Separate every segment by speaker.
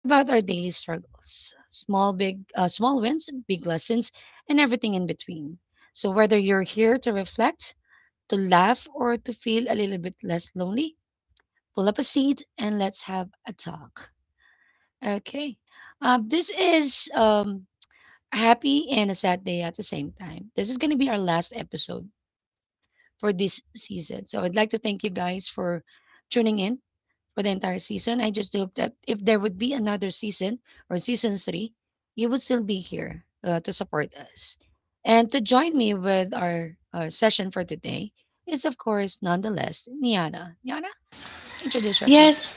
Speaker 1: about our daily struggles, small wins, big lessons, and everything in between. So whether you're here to reflect, to laugh, or to feel a little bit less lonely, pull up a seat and let's have a talk. Okay. This is a happy and a sad day at the same time. This is gonna be our last episode for this season. So I'd like to thank you guys for tuning in for the entire season. I just hope that if there would be another season or season three, you would still be here to support us. And to join me with our session for today is, of course, nonetheless, Niana. Niana, introduce yourself.
Speaker 2: Yes.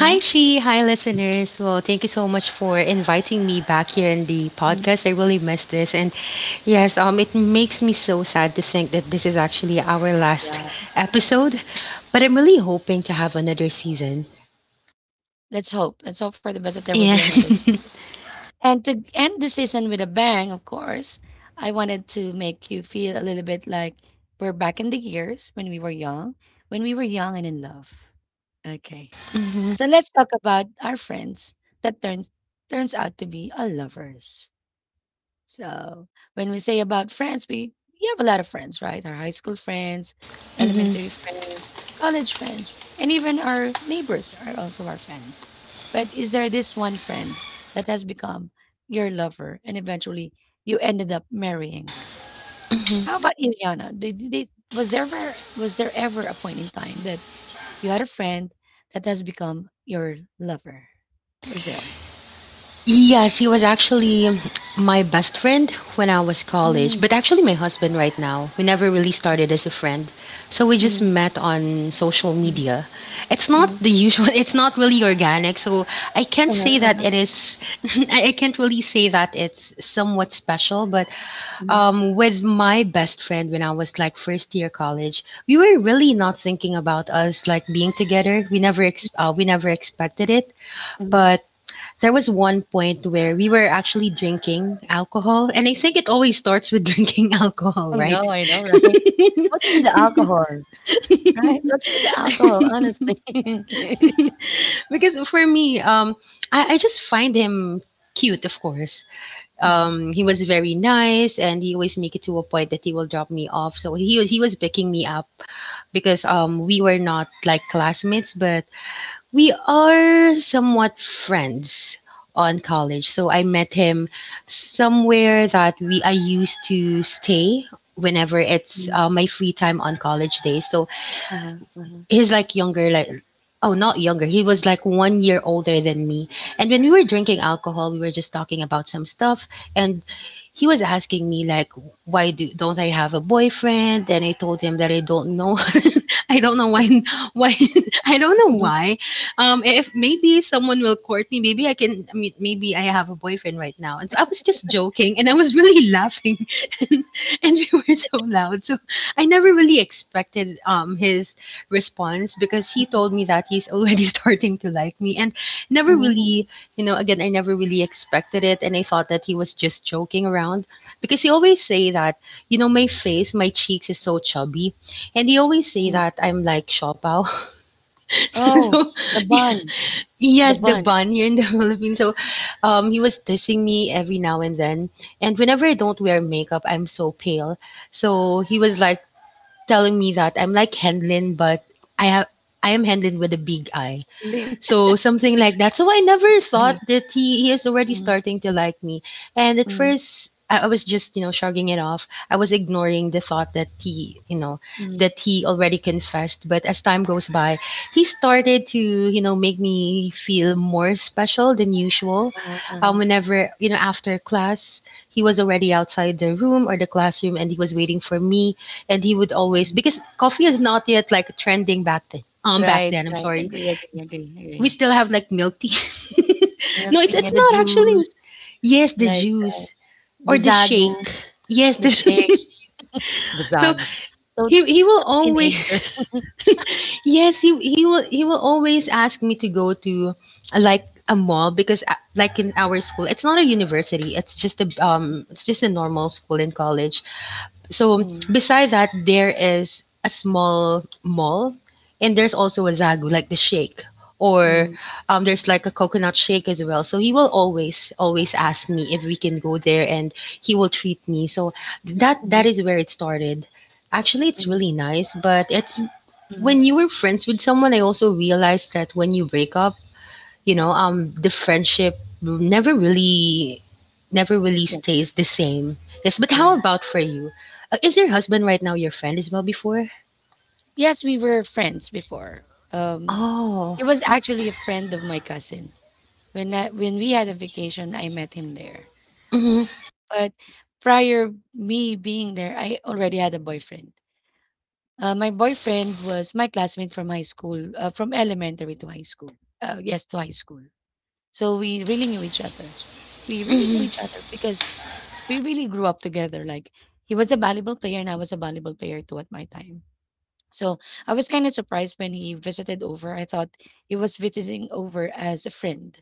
Speaker 2: Hi, Chi. Hi, listeners. Well, thank you so much for inviting me back here in the podcast. I really miss this. And yes, it makes me so sad to think that this is actually our
Speaker 1: Yeah,
Speaker 2: last
Speaker 1: right.
Speaker 2: episode. But I'm really hoping to have another season.
Speaker 1: Let's hope. Let's hope for the best that there will be
Speaker 2: Yeah.
Speaker 1: another season. And to end the season with a bang, of course, I wanted to make you feel a little bit like we're back in the years when we were young, when we were young and in love. Okay. So let's talk about our friends that turns out to be our lovers. So, when we say about friends, we have a lot of friends, right? Our high school friends,
Speaker 2: hmm
Speaker 1: elementary friends, college friends, and even our neighbors are also our friends. But is there this one friend that has become your lover and eventually you ended up marrying them? How about you, Yana? Was there ever a point in time that you had a friend that has become your lover? Was there?
Speaker 2: Yes, he was actually my best friend when I was college,
Speaker 1: Mm,
Speaker 2: but actually my husband right now. We never really started as a friend. So we just
Speaker 1: mhm,
Speaker 2: met on social
Speaker 1: mhm,
Speaker 2: media. It's not
Speaker 1: mhm,
Speaker 2: the usual, it's not really organic. So I can't
Speaker 1: uh-huh,
Speaker 2: say that
Speaker 1: uh-huh,
Speaker 2: it is. I can't really say that it's somewhat special, but
Speaker 1: mhm,
Speaker 2: with my best friend when I was like first year college, we were really not thinking about us like being together. We never we never expected it,
Speaker 1: mhm.
Speaker 2: but there was one point where we were actually drinking alcohol, and I think it always starts with drinking alcohol, right?
Speaker 1: I know, right? What's with the alcohol, right? What's with the alcohol, honestly?
Speaker 2: Because for me, I just find him cute, of course.
Speaker 1: Mhm,
Speaker 2: He was very nice, and he always make it to a point that he will drop me off. So he was picking me up because we were not like classmates, but we are somewhat friends on college. So I met him somewhere that we I used to stay whenever it's
Speaker 1: mhm.
Speaker 2: uh, my free time on college days. So
Speaker 1: Uh-huh, uh-huh.
Speaker 2: he's like younger like oh not younger, he was like 1 year older than me. And when we were drinking alcohol, we were just talking about some stuff, and he was asking me like, why do don't I have a boyfriend? And I told him that I don't know. I don't know why. why I don't know
Speaker 1: Mhm,
Speaker 2: why. If maybe someone will court me, maybe I mean, maybe I have a boyfriend right now. And I was just joking, and I was really laughing. And we were so loud. So I never really expected his response, because he told me that he's already starting to like me. And never
Speaker 1: mhm, mhm,
Speaker 2: really,
Speaker 1: mhm,
Speaker 2: you know, again, I never really expected it, and I thought that he was just joking around, because he always say that, you know, my face, my cheeks is so chubby. And he always say
Speaker 1: mhm.
Speaker 2: that I'm like shopao.
Speaker 1: Oh,
Speaker 2: So
Speaker 1: the
Speaker 2: yeah,
Speaker 1: bun, the
Speaker 2: yes, the
Speaker 1: bun.
Speaker 2: bun here in the Philippines. So he was dissing me every now and then. And whenever I don't wear makeup, I'm so pale, so he was like telling me that I'm like Henlin, but I have, I am Henlin with a big I. So something like that. So I never
Speaker 1: It's
Speaker 2: thought
Speaker 1: funny.
Speaker 2: that he is already
Speaker 1: Mhm,
Speaker 2: starting to like me. And at
Speaker 1: mhm,
Speaker 2: first I was just, you know, shrugging it off. I was ignoring the thought that he, you know,
Speaker 1: mhm.
Speaker 2: that he already confessed. But as time goes by, he started to, you know, make me feel more special than usual.
Speaker 1: Uh-huh, uh-huh,
Speaker 2: Whenever, you know, after class, he was already outside the room or the classroom, and he was waiting for me. And he would always,
Speaker 1: uh-huh.
Speaker 2: because coffee is not yet like trending back then. Back
Speaker 1: Right,
Speaker 2: then, I'm
Speaker 1: right.
Speaker 2: sorry,
Speaker 1: Agree, agree, agree,
Speaker 2: we
Speaker 1: agree.
Speaker 2: still have like milk tea.
Speaker 1: Milk
Speaker 2: No,
Speaker 1: tea and
Speaker 2: it's
Speaker 1: the
Speaker 2: not actually.
Speaker 1: juice,
Speaker 2: Yes, the
Speaker 1: like
Speaker 2: juice
Speaker 1: the
Speaker 2: or the shake.
Speaker 1: Zagu,
Speaker 2: Yes, the
Speaker 1: the shake, the
Speaker 2: so
Speaker 1: Zagu. So,
Speaker 2: he will
Speaker 1: so
Speaker 2: always.
Speaker 1: teenager.
Speaker 2: Yes, he will always ask me to go to like a mall, because like in our school, it's not a university, it's just a normal school in college. So
Speaker 1: Mm,
Speaker 2: beside that, there is a small mall, and there's also a Zagu, like the shake, or
Speaker 1: mm,
Speaker 2: there's like a coconut shake as well. So he will always, always ask me if we can go there, and he will treat me. So that that
Speaker 1: mm,
Speaker 2: is where it started. Actually, it's
Speaker 1: mm,
Speaker 2: really nice, but it's when
Speaker 1: mm.
Speaker 2: you were friends with someone. I also realized that when you break up, you know, the friendship never really, never
Speaker 1: The
Speaker 2: really
Speaker 1: same,
Speaker 2: stays the same. Yes, but how
Speaker 1: correct.
Speaker 2: about for you? Is your husband right now your friend as well before?
Speaker 1: Yes, we were friends before. Um,
Speaker 2: Oh.
Speaker 1: he was actually a friend of my cousin. When we had a vacation, I met him there.
Speaker 2: hmm
Speaker 1: But prior me being there, I already had a boyfriend. My boyfriend was my classmate from high school, from elementary to high school. Yes, to high school. So we really knew each other. We really knew
Speaker 2: hmm
Speaker 1: each other because we really grew up together. Like he was a volleyball player and I was a volleyball player too at my time. So I was kind of surprised when he visited over. I thought he was visiting over as a friend.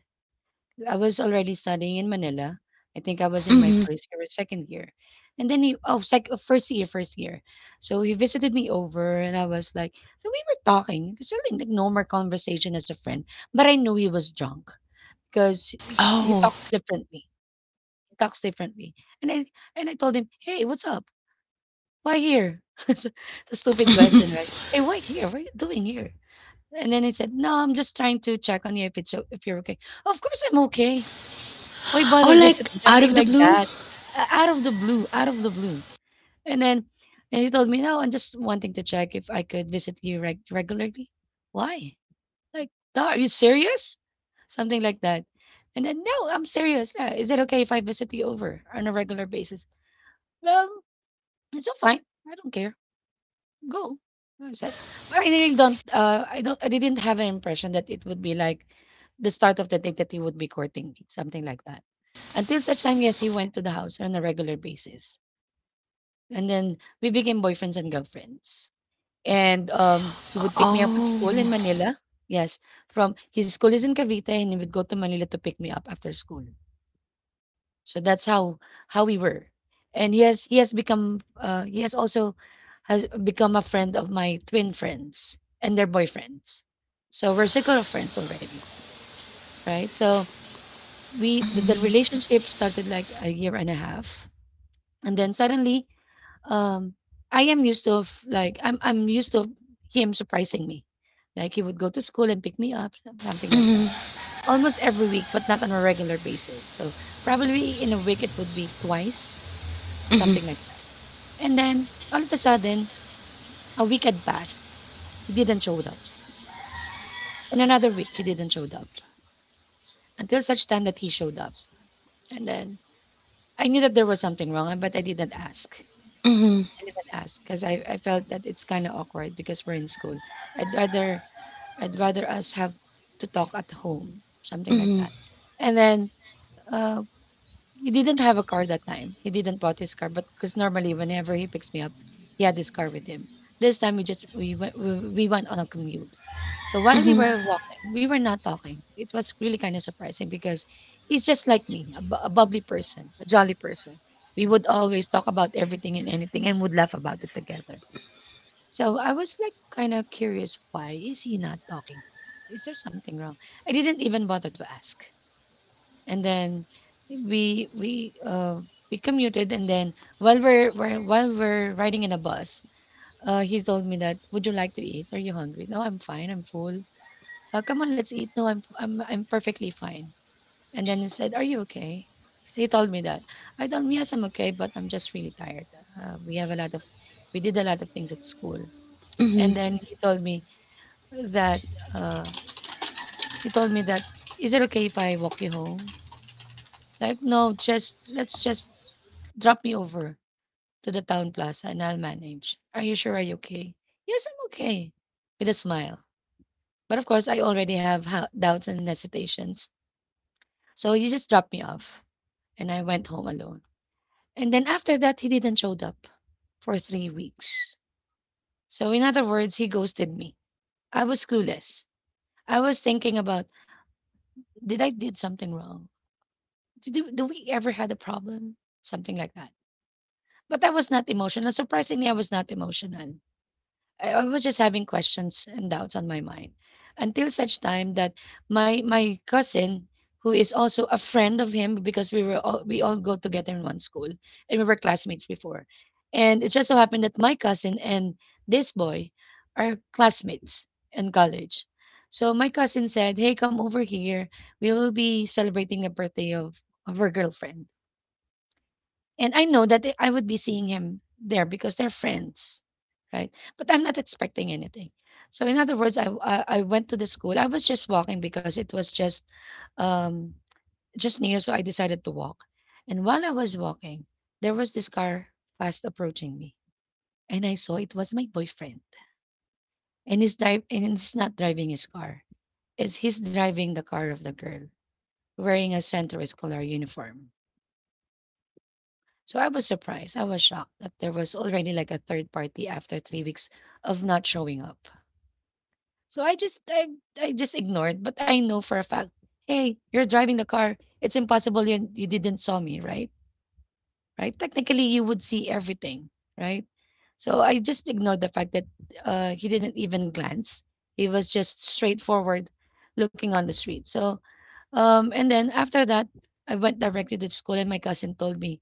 Speaker 1: I was already studying in Manila. I think I was in my
Speaker 2: hmm
Speaker 1: first year or second year. And then he, oh, sec, oh, first year, first year. So he visited me over and I was like, so we were talking, just like normal conversation as a friend. But I knew he was drunk because he
Speaker 2: oh
Speaker 1: talks differently. He talks differently. And I, and I told him, hey, what's up? Why here? it's a stupid question, right? Hey, why here? What are you doing here? And then I said, "No, I'm just trying to check on you if it's o if you're okay." "Of course I'm okay. Why
Speaker 2: oh
Speaker 1: bother
Speaker 2: like
Speaker 1: visiting?"
Speaker 2: out of
Speaker 1: Something
Speaker 2: the
Speaker 1: like
Speaker 2: blue
Speaker 1: that. Out of the blue, out of the blue. And then and he told me, "No, I'm just wanting to check if I could visit you regularly." "Why?" Like, "Duh, are you serious?" Something like that. And then, "No, I'm serious. Yeah, is it okay if I visit you over on a regular basis?" "Well, it's all fine. I don't care." Go. I said, but I really don't. I don't. I didn't have an impression that it would be like the start of the date that he would be courting me, something like that. Until such time, yes, he went to the house on a regular basis, and then we became boyfriends and girlfriends. And he would pick me up at school in
Speaker 2: oh
Speaker 1: Manila. Yes, from his school is in Cavite, and he would go to Manila to pick me up after school. So that's how we were. And he has become he has also has become a friend of my twin friends and their boyfriends. So we're circle of friends already, right? So we the
Speaker 2: hmm
Speaker 1: relationship started like a year and a half. And then suddenly, um I'm used to him surprising me. Like he would go to school and pick me up, something like that.
Speaker 2: hmm
Speaker 1: Almost every week, but not on a regular basis. So probably in a week it would be twice.
Speaker 2: hmm
Speaker 1: Something like that. And then all of a sudden, a week had passed. He didn't showed up. And another week he didn't showed up. Until such time that he showed up. And then I knew that there was something wrong, but I didn't ask.
Speaker 2: hmm
Speaker 1: I didn't ask because I felt that it's kind of awkward because we're in school. I'd rather I'd rather us have to talk at home, something like
Speaker 2: hmm
Speaker 1: that. And then uh, he didn't have a car that time. He didn't bought his car, but because normally whenever he picks me up, he had his car with him. This time we just we went on a commute. So while we
Speaker 2: hmm
Speaker 1: were walking, we were not talking. It was really kind of surprising because he's just like me, a bubbly person, a jolly person. We would always talk about everything and anything and would laugh about it together. So I was like kind of curious, why is he not talking? Is there something wrong? I didn't even bother to ask and then we we uh we commuted and then while we're riding in a bus he told me that would you like to eat, are you hungry? No, I'm fine, I'm full. Come on, let's eat. No I'm, I'm perfectly fine. And then he said, are you okay? He told me that. I told him, yes, I'm okay, but I'm just really tired. uh, we have a lot of we did a lot of things at school.
Speaker 2: hmm
Speaker 1: And then he told me that uh he told me that, is it okay if I walk you home? Like, no, just let's just drop me over to the town plaza and I'll manage. Are you sure? Are you okay? Yes, I'm okay. With a smile. But of course, I already have doubts and hesitations. So he just dropped me off and I went home alone. And then after that, he didn't showed up for 3 weeks. So in other words, he ghosted me. I was clueless. I was thinking about, did I did something wrong? Did, do do we ever had a problem? Something like that. But I was not emotional. Surprisingly, I was not emotional. I was just having questions and doubts on my mind until such time that my cousin, who is also a friend of him because we all go together in one school and we were classmates before, and it just so happened that my cousin and this boy are classmates in college. So my cousin said, "Hey, come over here. We will be celebrating the birthday of her girlfriend." And I know that I would be seeing him there because they're friends, right? But I'm not expecting anything. So in other words, I went to the school. I was just walking because it was um just near, so I decided to walk. And while I was walking, there was this car fast approaching me, and I saw it was my boyfriend. And he's drive and he's not driving his car. It's he's driving the car of the girl wearing a Centro Escolar uniform. So I was surprised. I was shocked that there was already like a third party after 3 weeks of not showing up. So I just ignored, but I know for a fact, hey, you're driving the car. It's impossible you didn't saw me, right? Right? Technically you would see everything, right? So I just ignored the fact that he didn't even glance. He was just straightforward looking on the street. So and then after that, I went directly to school, and my cousin told me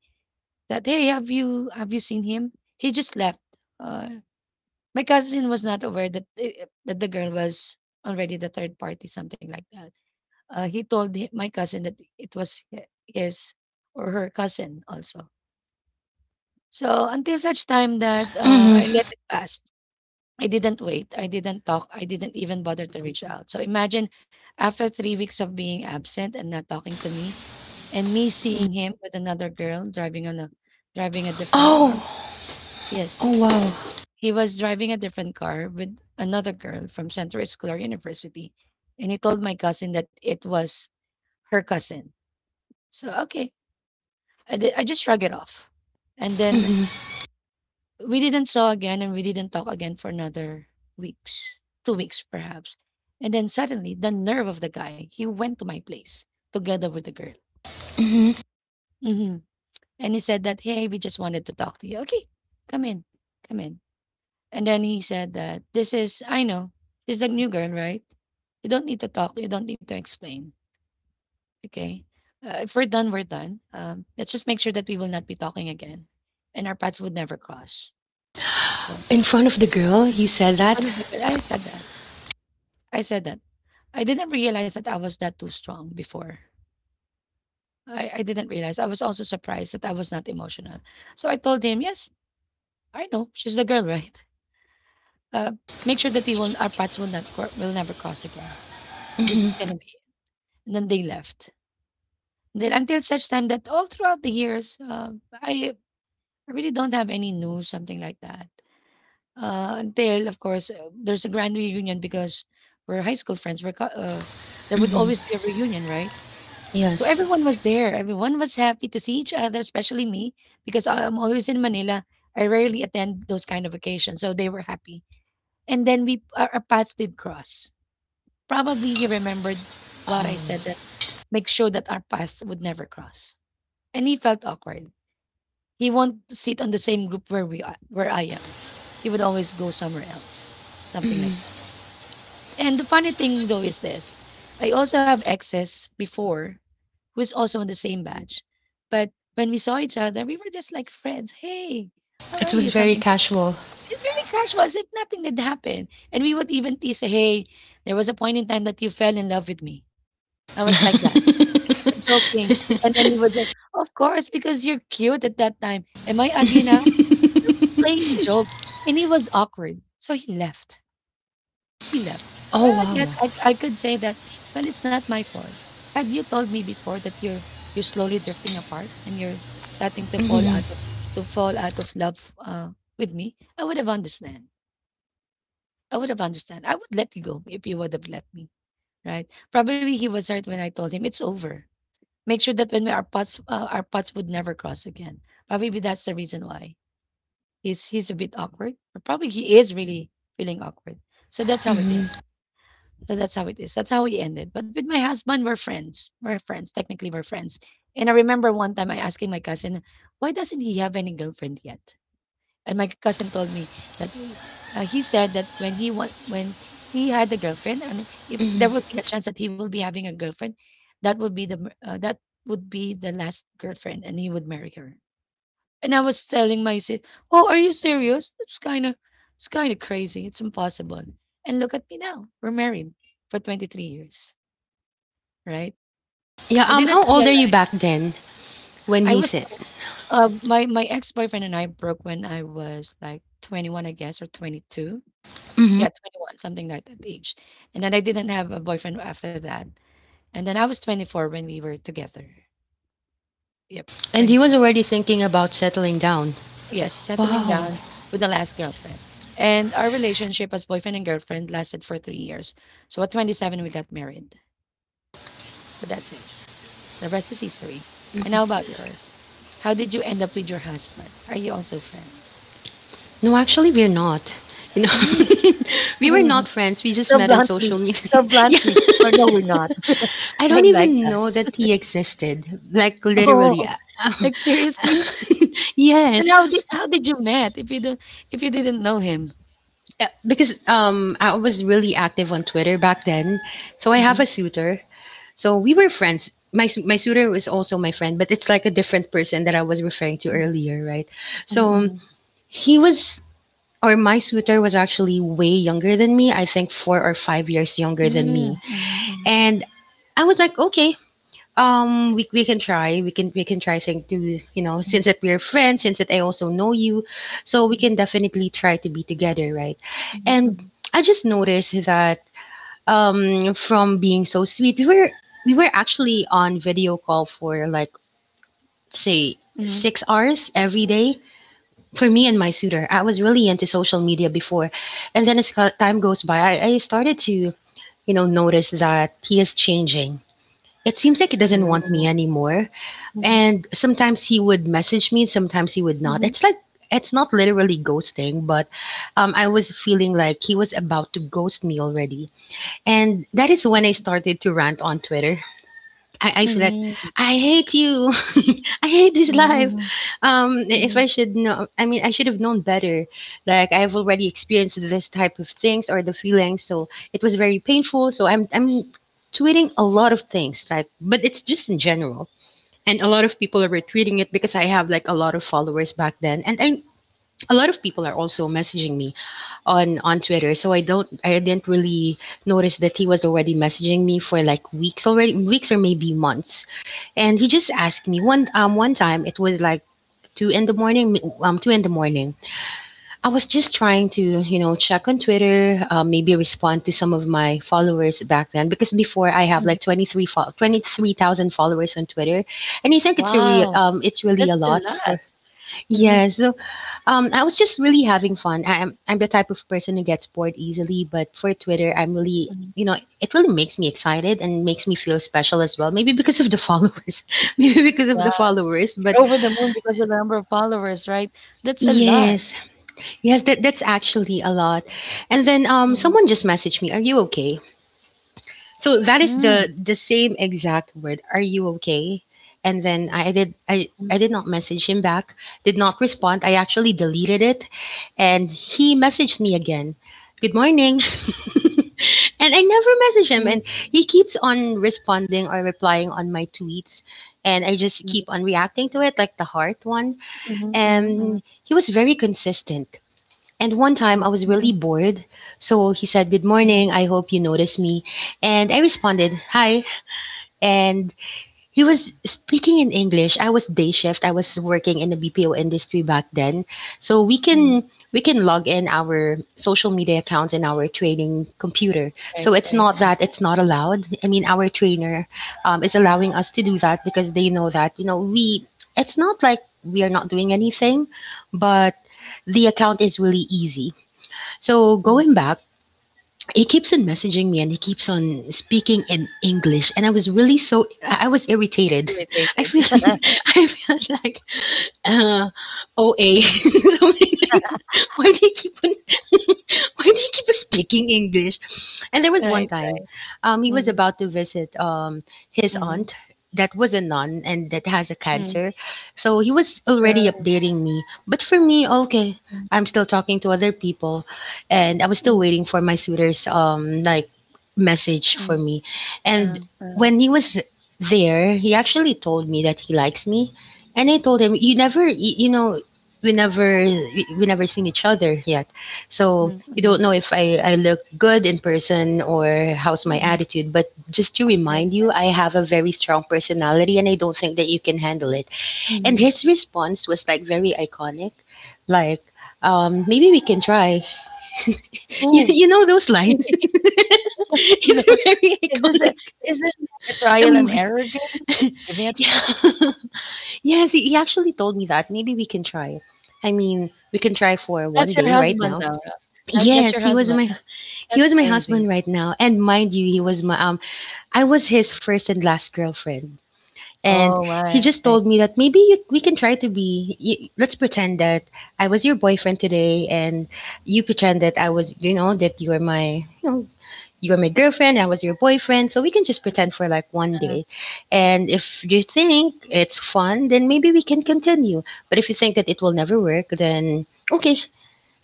Speaker 1: that, hey, have you seen him? He just left. uh, my cousin was not aware that that the girl was already the third party, something like that. He told my cousin that it was his or her cousin also. So until such time that
Speaker 2: hmm
Speaker 1: I let it pass. I didn't wait, I didn't talk, I didn't even bother to reach out. So imagine, after 3 weeks of being absent and not talking to me, and me seeing him with another girl driving a different car.
Speaker 2: oh
Speaker 1: Yes.
Speaker 2: oh wow
Speaker 1: He was driving a different car with another girl from Central Escolar University, and he told my cousin that it was her cousin. So okay, I just shrugged it off. And then
Speaker 2: hmm
Speaker 1: we didn't saw again, and we didn't talk again for another weeks, 2 weeks perhaps. And then suddenly, the nerve of the guy, he went to my place together with the girl.
Speaker 2: hmm
Speaker 1: hmm and he said that, hey, we just wanted to talk to you. Okay, come in, come in. And then he said that, this is, I know, this is the new girl, right? You don't need to talk. You don't need to explain. Okay. If we're done, we're done. Let's just make sure that we will not be talking again and our paths would never cross. Yeah.
Speaker 2: in front of the girl, you said
Speaker 1: In front
Speaker 2: that?
Speaker 1: of the girl, I said that. I said that. I didn't realize that I was that too strong before. I didn't realize. I was also surprised that I was not emotional. So I told him, yes, I know, she's the girl, right? Uh, Make sure that we will, our paths will, not never, will never cross again. This is
Speaker 2: Hmm
Speaker 1: going to be And then they left. Then until such time that all throughout the years, I really don't have any news, something like that. Until, of course, there's a grand reunion because we're high school friends. There would
Speaker 2: hmm
Speaker 1: always be a reunion, right? So
Speaker 2: yes.
Speaker 1: everyone was there. Everyone was happy to see each other, especially me, because I'm always in Manila. I rarely attend those kind of occasions, so they were happy. And then our paths did cross. Probably he remembered what I said, that
Speaker 2: Oh
Speaker 1: make sure that our paths would never cross, and he felt awkward. He won't sit on the same group where we are, where I am. He would always go somewhere else, something
Speaker 2: Mm,
Speaker 1: like that. And the funny thing though is this: I also have exes before who is also in the same batch, but when we saw each other, we were just like friends. Hey, how
Speaker 2: it
Speaker 1: are
Speaker 2: was
Speaker 1: you?
Speaker 2: very
Speaker 1: Something like.
Speaker 2: casual.
Speaker 1: It's very casual, as if nothing did happen. And we would even tease, "Hey, there was a point in time that you fell in love with me." I was like that, joking. And then he was like, "Of course, because you're cute at that time." Am I ugly now? Playing jokes, and it was awkward. So he left. He left.
Speaker 2: oh
Speaker 1: Well, I
Speaker 2: wow.
Speaker 1: guess I could say that, well, it's not my fault. And you told me before that you're slowly drifting apart, and you're starting to fall
Speaker 2: hmm
Speaker 1: out of, to fall out of love, uh, with me. I would have understand. I would have understand. I would let you go if you would have let me. Right? Probably he was hurt when I told him it's over. Make sure that when we, our paths would never cross again. Probably that's the reason why he's a bit awkward. Or probably he is really feeling awkward. So that's how it
Speaker 2: hmm
Speaker 1: is. So that's how it is. That's how we ended. But with my husband, we're friends. We're friends. Technically, we're friends. And I remember one time I asking my cousin, why doesn't he have any girlfriend yet? And my cousin told me that we, he said that when he had a girlfriend, and if there
Speaker 2: hmm
Speaker 1: would be a chance that he will be having a girlfriend, that would be the last girlfriend, and he would marry her. And I was telling myself, "Oh, are you serious? It's kind of crazy. It's impossible." And look at me now. We're married for 23 years, right? So
Speaker 2: Yeah.
Speaker 1: I didn't
Speaker 2: How old are you
Speaker 1: realize
Speaker 2: back then when
Speaker 1: I
Speaker 2: he
Speaker 1: was.
Speaker 2: said?
Speaker 1: My ex boyfriend and I broke when I was like 21, I guess, or 22.
Speaker 2: Hmm
Speaker 1: Yeah, 21, something like that age. And then I didn't have a boyfriend after that. And then I was 24 when we were together. Yep,
Speaker 2: And he was
Speaker 1: 24.
Speaker 2: already thinking about settling down.
Speaker 1: Yes, settling
Speaker 2: Wow.
Speaker 1: down with the last girlfriend. And our relationship as boyfriend and girlfriend lasted for 3 years. So at 27, we got married. So that's it. The rest is history. And how about yours? How did you end up with your husband? Are you also friends?
Speaker 2: No, actually, we're not. You know,
Speaker 1: Mm.
Speaker 2: we were not friends. We just
Speaker 1: So
Speaker 2: met on social
Speaker 1: bluntly,
Speaker 2: media.
Speaker 1: so
Speaker 2: Yeah.
Speaker 1: bluntly. But no, we're not.
Speaker 2: I
Speaker 1: I
Speaker 2: don't
Speaker 1: like
Speaker 2: even
Speaker 1: that.
Speaker 2: know that he existed. Like
Speaker 1: Oh,
Speaker 2: literally.
Speaker 1: like seriously? Then
Speaker 2: Yes.
Speaker 1: how did you met if you didn't know him?
Speaker 2: Yeah, because I was really active on Twitter back then. So I have
Speaker 1: Mm-hmm.
Speaker 2: a suitor. So we were friends. My suitor was also my friend, but it's like a different person that I was referring to earlier, right? So
Speaker 1: Mm-hmm.
Speaker 2: he was, or my suitor was actually way younger than me. I think 4 or 5 years younger than me,
Speaker 1: Mm-hmm.
Speaker 2: and I was like, okay, we can try. We can try saying to, you know, since that we're friends, since that I also know you, so we
Speaker 1: Mm-hmm.
Speaker 2: can definitely try to be together, right?
Speaker 1: Mhm,
Speaker 2: And
Speaker 1: mhm,
Speaker 2: I just noticed that from being so sweet, we were actually on video call for like say
Speaker 1: mhm,
Speaker 2: 6 hours
Speaker 1: mhm.
Speaker 2: every day for me and my suitor. I was really into social media before, and then as time goes by, I started to, you know, notice that he is changing. It seems like he doesn't want
Speaker 1: Oh.
Speaker 2: me anymore.
Speaker 1: Mhm,
Speaker 2: And sometimes he would message me, sometimes he would not.
Speaker 1: mhm.
Speaker 2: It's like, it's not literally ghosting, but I was feeling like he was about to ghost me already. And that is when I started to rant on Twitter. I feel like
Speaker 1: Mhm,
Speaker 2: I hate you. I hate this
Speaker 1: mhm,
Speaker 2: life.
Speaker 1: mhm,
Speaker 2: If
Speaker 1: mhm,
Speaker 2: I should know, I mean, I should have known better. Like I've already experienced this type of things or the feelings, so it was very painful. So I'm tweeting a lot of things, like, but it's just in general. And a lot of people are retweeting it, because I have like a lot of followers back then, and I, a lot of people are also messaging me on Twitter. So I didn't really notice that he was already messaging me for like weeks already, weeks or maybe months. And he just asked me one one time. It was like two in the morning, two in the morning. I was just trying to, you know, check on Twitter, maybe respond to some of my followers back then, because before I have
Speaker 1: mhm.
Speaker 2: like 23,000 followers on Twitter, and I think it's a real
Speaker 1: Wow,
Speaker 2: it's really
Speaker 1: that's
Speaker 2: a
Speaker 1: a
Speaker 2: lot
Speaker 1: lot.
Speaker 2: for.
Speaker 1: Mhm,
Speaker 2: Yeah, so I was just really having fun. I'm the type of person who gets bored easily, but for Twitter I'm really,
Speaker 1: mhm.
Speaker 2: you know, it really makes me excited and makes me feel special as well. Maybe because of the followers. Maybe because of
Speaker 1: Yeah,
Speaker 2: the followers. But
Speaker 1: you're over the moon because of the number of followers, right? That's a lot.
Speaker 2: yes, Yes, that, that's actually a lot. And then
Speaker 1: Mhm,
Speaker 2: someone just messaged me, are you okay? So that is
Speaker 1: mm,
Speaker 2: the same exact word, are you okay? And then
Speaker 1: mhm,
Speaker 2: I did not message him back, did not respond. I actually deleted it. And he messaged me again, good morning. And I never message him.
Speaker 1: mhm,
Speaker 2: And he keeps on responding or replying on my tweets. And I just
Speaker 1: mhm,
Speaker 2: keep on reacting to it, like the heart one.
Speaker 1: mm mhm, mm
Speaker 2: And he was very consistent. And one time I
Speaker 1: mhm,
Speaker 2: was really bored, so he said, good
Speaker 1: mhm,
Speaker 2: morning, I hope you notice me. And I responded, hi. And he was speaking in English. I was day shift. I was working in the BPO industry back then. So
Speaker 1: mhm.
Speaker 2: we can log in our social media accounts in our training computer. So
Speaker 1: Right,
Speaker 2: it's
Speaker 1: right.
Speaker 2: not that it's not allowed. I mean, our trainer is
Speaker 1: Mhm,
Speaker 2: allowing us to do that, because they know that, you know, we, it's not like we are not doing anything, but the account is really easy, so
Speaker 1: mhm.
Speaker 2: going back, he keeps on messaging me and he keeps on speaking in English, and I was really, so I was irritated. I
Speaker 1: Irritated.
Speaker 2: feel I felt like uh, OA.
Speaker 1: Mhm.
Speaker 2: Something like that. Why do you keep on why do you keep on speaking English? And there was one
Speaker 1: Right,
Speaker 2: time,
Speaker 1: right.
Speaker 2: he was
Speaker 1: Mhm,
Speaker 2: about to visit his aunt
Speaker 1: mhm,
Speaker 2: that was a nun and that has a
Speaker 1: mhm.
Speaker 2: cancer, so he was already
Speaker 1: Uh,
Speaker 2: updating me. But for me, okay,
Speaker 1: mm,
Speaker 2: I'm still talking to other people and I was still
Speaker 1: mm,
Speaker 2: waiting for my suitor's message for
Speaker 1: mm,
Speaker 2: me.
Speaker 1: uh,
Speaker 2: And
Speaker 1: uh,
Speaker 2: when he was there, he actually told me that he likes me, and I told him, "You never, you know, we never seen each other yet, so
Speaker 1: mm,
Speaker 2: you
Speaker 1: mm,
Speaker 2: don't know if I look good in person or how's my
Speaker 1: mm.
Speaker 2: attitude. But just to
Speaker 1: Right.
Speaker 2: remind you, I have a very strong personality, and I don't think that you can handle it." And
Speaker 1: Mhm.
Speaker 2: his response was like very iconic, like. Maybe we can try
Speaker 1: Oh,
Speaker 2: you know those lines.
Speaker 1: no.
Speaker 2: It's very
Speaker 1: Is this a
Speaker 2: iconic.
Speaker 1: is this like a
Speaker 2: A
Speaker 1: trial and
Speaker 2: movie.
Speaker 1: error game? Like, give me a tr.
Speaker 2: Yeah. Yes, he actually told me that. Maybe we can try. I mean, we can try for one
Speaker 1: That's your
Speaker 2: day right
Speaker 1: husband
Speaker 2: now.
Speaker 1: now, right? Right, that's
Speaker 2: Yes,
Speaker 1: your husband now.
Speaker 2: he
Speaker 1: That's
Speaker 2: was my
Speaker 1: crazy.
Speaker 2: husband right now. And mind you, he was my I was his first and last girlfriend. And
Speaker 1: Oh
Speaker 2: he
Speaker 1: my.
Speaker 2: just told me that we can try to be y let's pretend that I was your boyfriend today and you pretend that I was that you were my you know you were my girlfriend, I was your boyfriend. So we can just
Speaker 1: Mm,
Speaker 2: pretend for like one
Speaker 1: uh,
Speaker 2: day. And if you think it's fun, then maybe we can continue. But if you think that it will never work, then okay,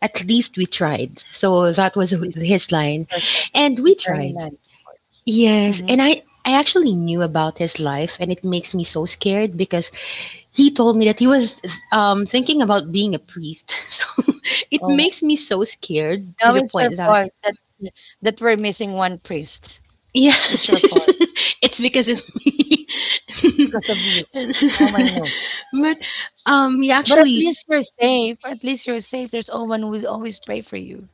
Speaker 2: at least we tried. So that
Speaker 1: at
Speaker 2: was
Speaker 1: least it's
Speaker 2: his line.
Speaker 1: perfect.
Speaker 2: And
Speaker 1: That's
Speaker 2: we
Speaker 1: very
Speaker 2: tried.
Speaker 1: nice.
Speaker 2: Yes.
Speaker 1: Mhm.
Speaker 2: And I actually knew about his life, and it makes me so scared because he told me that he was thinking about being a priest. So it
Speaker 1: Oh,
Speaker 2: makes me so scared
Speaker 1: now
Speaker 2: to the
Speaker 1: it's your
Speaker 2: point that
Speaker 1: fault that we're missing one priest.
Speaker 2: yeah,
Speaker 1: It's your fault.
Speaker 2: it's because of me.
Speaker 1: It's because of you.
Speaker 2: And-
Speaker 1: Now I know.
Speaker 2: but yeah,
Speaker 1: But at
Speaker 2: actually,
Speaker 1: least you're safe. At least you're safe. There's someone who will always pray for you.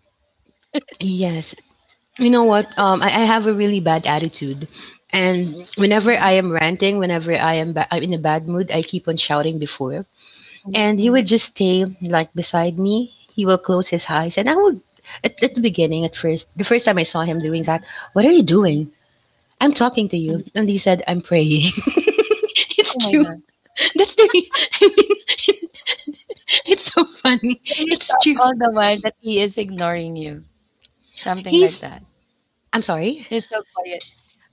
Speaker 2: yes. You know what? I have a really bad attitude, and whenever
Speaker 1: Mhm,
Speaker 2: I am ranting, whenever I'm in a bad mood, I keep on shouting before,
Speaker 1: mhm,
Speaker 2: and he would
Speaker 1: mhm,
Speaker 2: just stay like beside me. He will close his eyes, and I would. At the beginning, at first, the first time I saw him doing that, what are you
Speaker 1: mhm,
Speaker 2: doing? I'm talking to you.
Speaker 1: mhm.
Speaker 2: And he said, I'm praying. It's
Speaker 1: Oh my God.
Speaker 2: true. That's the. I mean, it's so funny.
Speaker 1: So he's
Speaker 2: It's
Speaker 1: thought
Speaker 2: true.
Speaker 1: all the while that he is ignoring you, something like
Speaker 2: He's.
Speaker 1: that.
Speaker 2: I'm sorry.
Speaker 1: He's so quiet.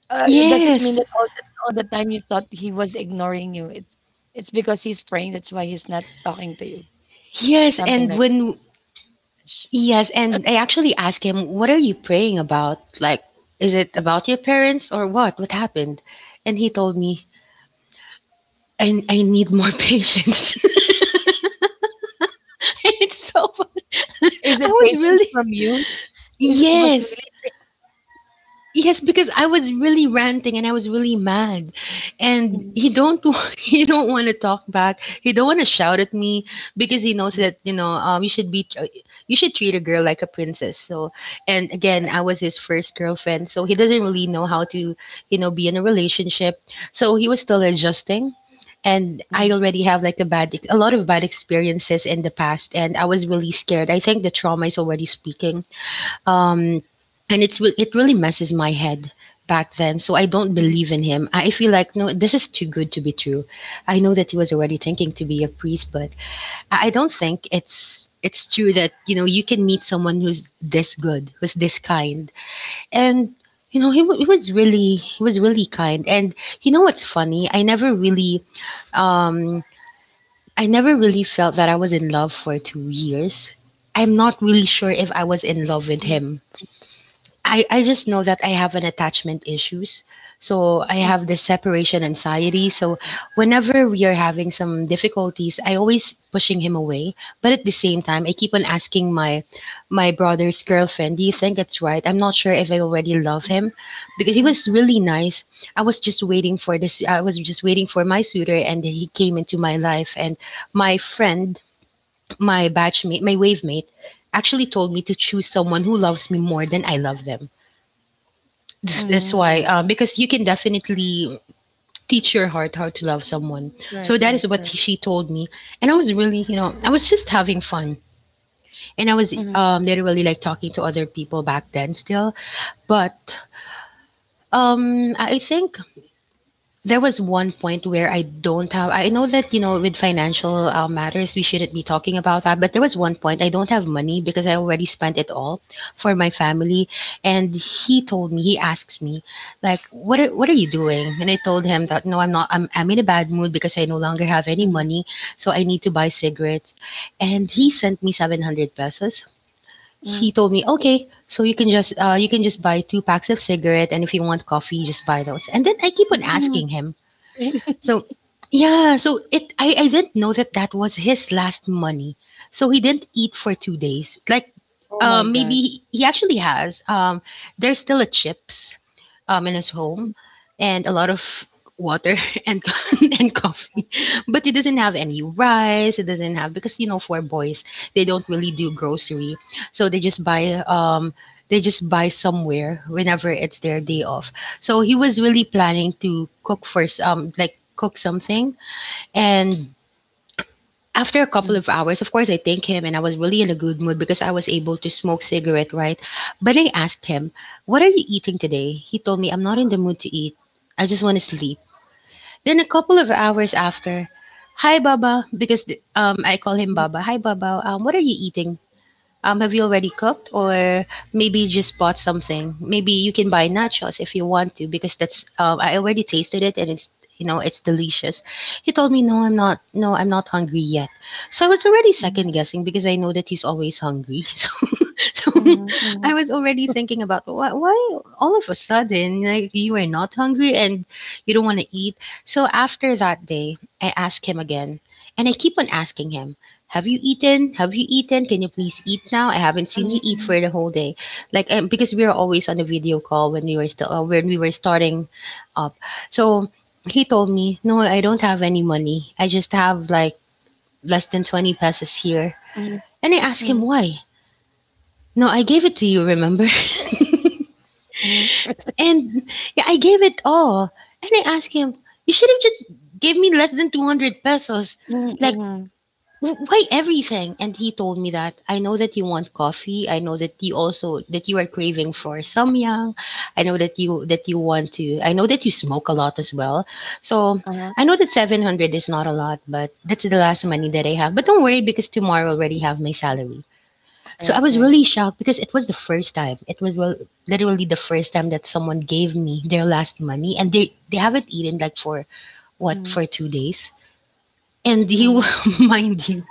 Speaker 1: Does it mean
Speaker 2: Yes.
Speaker 1: that all the time you thought he was ignoring you? It's because he's praying. That's why he's not talking to you.
Speaker 2: Yes.
Speaker 1: Something
Speaker 2: And
Speaker 1: like
Speaker 2: when.
Speaker 1: that. Sh-
Speaker 2: Yes. And I actually asked him, what are you praying about? Like, is it about your parents or what? What happened? And he told me, I need more patience. It's so. Funny.
Speaker 1: Is
Speaker 2: I
Speaker 1: it
Speaker 2: was
Speaker 1: patience
Speaker 2: really.
Speaker 1: from you? Is it was
Speaker 2: Yes.
Speaker 1: really pa-,
Speaker 2: Yes, because I was really ranting and I was really mad, and
Speaker 1: mm
Speaker 2: he don't he don't want to talk back. He don't want to shout at me because he knows
Speaker 1: mm,
Speaker 2: that you know you should be you should treat a girl like a princess. So, and again,
Speaker 1: correct?
Speaker 2: I was his first girlfriend, so he doesn't really know how to you know be in a relationship. So he was still adjusting, and I
Speaker 1: Mm,
Speaker 2: already have like a lot of bad experiences in the past, and I was really scared. I think the trauma is already speaking um, and it really messes my head back then. So I don't
Speaker 1: mm,
Speaker 2: believe in him. I feel like no, this is too good to be true. I know that he was already thinking to be a priest, but I don't think it's true that you know you can meet someone who's this good, who's this kind, and you know he was really kind. And you know what's funny? Um I never really felt that I was in love for 2 years. I'm not really sure if I was in love with
Speaker 1: mm,
Speaker 2: him I just know that I have an attachment issues. So I
Speaker 1: mm,
Speaker 2: have this separation anxiety. So whenever we are having some difficulties, I always pushing him away. But at the same time, I keep on asking my brother's girlfriend, do you think it's right? I'm not sure if I already love him because he
Speaker 1: mm,
Speaker 2: was really nice. I was just waiting for my suitor and he came into my life and my friend, my batchmate, my wave mate actually told me to choose someone who loves me more than I love them. That's why,
Speaker 1: mm.
Speaker 2: because you can definitely teach your heart how to love someone. So
Speaker 1: Correct,
Speaker 2: that is
Speaker 1: correct,
Speaker 2: what
Speaker 1: correct.
Speaker 2: she told me, and I was really, you know, I was just having fun, and I was
Speaker 1: Mm,
Speaker 2: literally like talking to other people back then still, but I think there was one point where I don't have I know that, you know, with financial, matters, we shouldn't be talking about that, but there was one point I don't have money because I already spent it all for my family, and he asks me, like, what are you doing?" And I told him that, "No, I'm not. I'm in a bad mood because I no longer have any
Speaker 1: mm,
Speaker 2: money, so I need to buy cigarettes." And he sent me 700 pesos.
Speaker 1: mm,
Speaker 2: He told me, "Okay, so you can just buy 2 packs of cigarette, and if you want coffee, just buy those." And then I keep on
Speaker 1: mm.
Speaker 2: asking him, so yeah, so it I didn't know that that was his last money. So he didn't eat for 2 days. Like
Speaker 1: Oh my
Speaker 2: maybe
Speaker 1: God.
Speaker 2: he actually has there's still a chips in his home and a lot of water and and coffee but he doesn't have any rice it doesn't have because you know for boys they don't really do grocery so they just buy somewhere whenever it's their day off so he was really planning to cook for cook something and after a couple
Speaker 1: Mm,
Speaker 2: of hours, of course, I thanked him and I was really in a good mood because I was able to smoke cigarette, right? But I asked him, what are you eating today? He told me, I'm not in the mood to eat. I just want to sleep. Then a couple of hours after, Hi, Baba, because I call him
Speaker 1: mm,
Speaker 2: Baba. Hi, Baba. What are you eating? Have you already cooked, or maybe you just bought something? Maybe you can buy nachos if you want to, because that's I already tasted it and it's you know it's delicious. He told me, "No, I'm not. No, I'm not hungry yet." So I was already
Speaker 1: mm,
Speaker 2: second guessing because I know that he's always hungry. So, so
Speaker 1: mm, mm,
Speaker 2: I was already thinking about why all of a sudden like you are not hungry and you don't want to eat. So after that day, I asked him again, and I keep on asking him have you eaten? Have you eaten? Can you please eat now? I haven't seen you eat
Speaker 1: mm,
Speaker 2: for the whole day. Like because we were always on a video call when we were still when we were starting up. So he told me, "No, I don't have any money. I just have like less than 20 pesos here."
Speaker 1: mm,
Speaker 2: And I asked him
Speaker 1: mm,
Speaker 2: why. No, I gave it to you, remember?
Speaker 1: mm.
Speaker 2: And yeah, I gave it all. And I asked him, "You should have just gave me less than 200 pesos."
Speaker 1: Mm,
Speaker 2: Like
Speaker 1: mhm.
Speaker 2: Why everything? And he told me that I know that you want coffee. I know that you also that you are craving for samyang. I know that you want to. I know that you smoke a lot as well. So
Speaker 1: Uh-huh.
Speaker 2: I know that 700 is not a lot, but that's the last money that I have. But don't worry because tomorrow I already have my salary. So I
Speaker 1: Right,
Speaker 2: was
Speaker 1: right.
Speaker 2: really shocked because it was the first time. It was well literally the first time that someone gave me their last money, and they haven't eaten like for what
Speaker 1: Mhm,
Speaker 2: for 2 days. And you,
Speaker 1: mhm.
Speaker 2: mind you,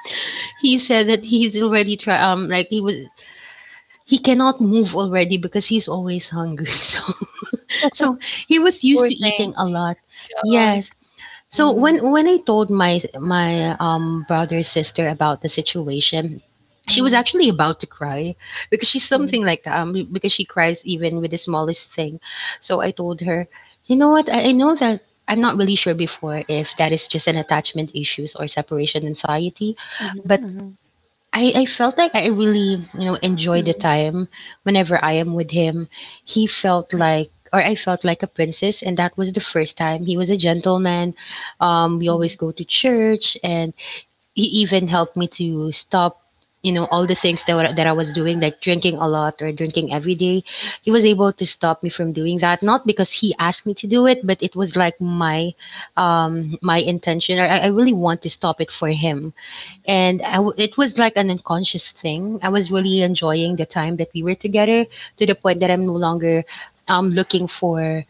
Speaker 2: he said that he's already try like he was he cannot move already because he's always hungry. So so he was used
Speaker 1: Poor
Speaker 2: to
Speaker 1: thing.
Speaker 2: eating a lot.
Speaker 1: Yeah.
Speaker 2: Yes. So
Speaker 1: Mm,
Speaker 2: when I told my brother sister about the situation, she was
Speaker 1: mhm,
Speaker 2: actually about to cry because she's
Speaker 1: mhm,
Speaker 2: something like that because she cries even with the smallest thing. So I told her, you know what? I know that I'm not really sure before if that is just an attachment issues or separation anxiety,
Speaker 1: mhm,
Speaker 2: but
Speaker 1: mhm,
Speaker 2: I felt like I really, you know, enjoy the
Speaker 1: mhm,
Speaker 2: time whenever I am with him. He felt like or I felt like a princess and that was the first time. He was a gentleman. We always
Speaker 1: mhm,
Speaker 2: go to church, and he even helped me to stop all the things that I was doing, like drinking a lot or drinking every day. He was able to stop me from doing that, not because he asked me to do it, but it was like my intention. Or I really want to stop it for him. And it was like an unconscious thing. I was really enjoying the time that we were together, to the point that I'm no longer um looking for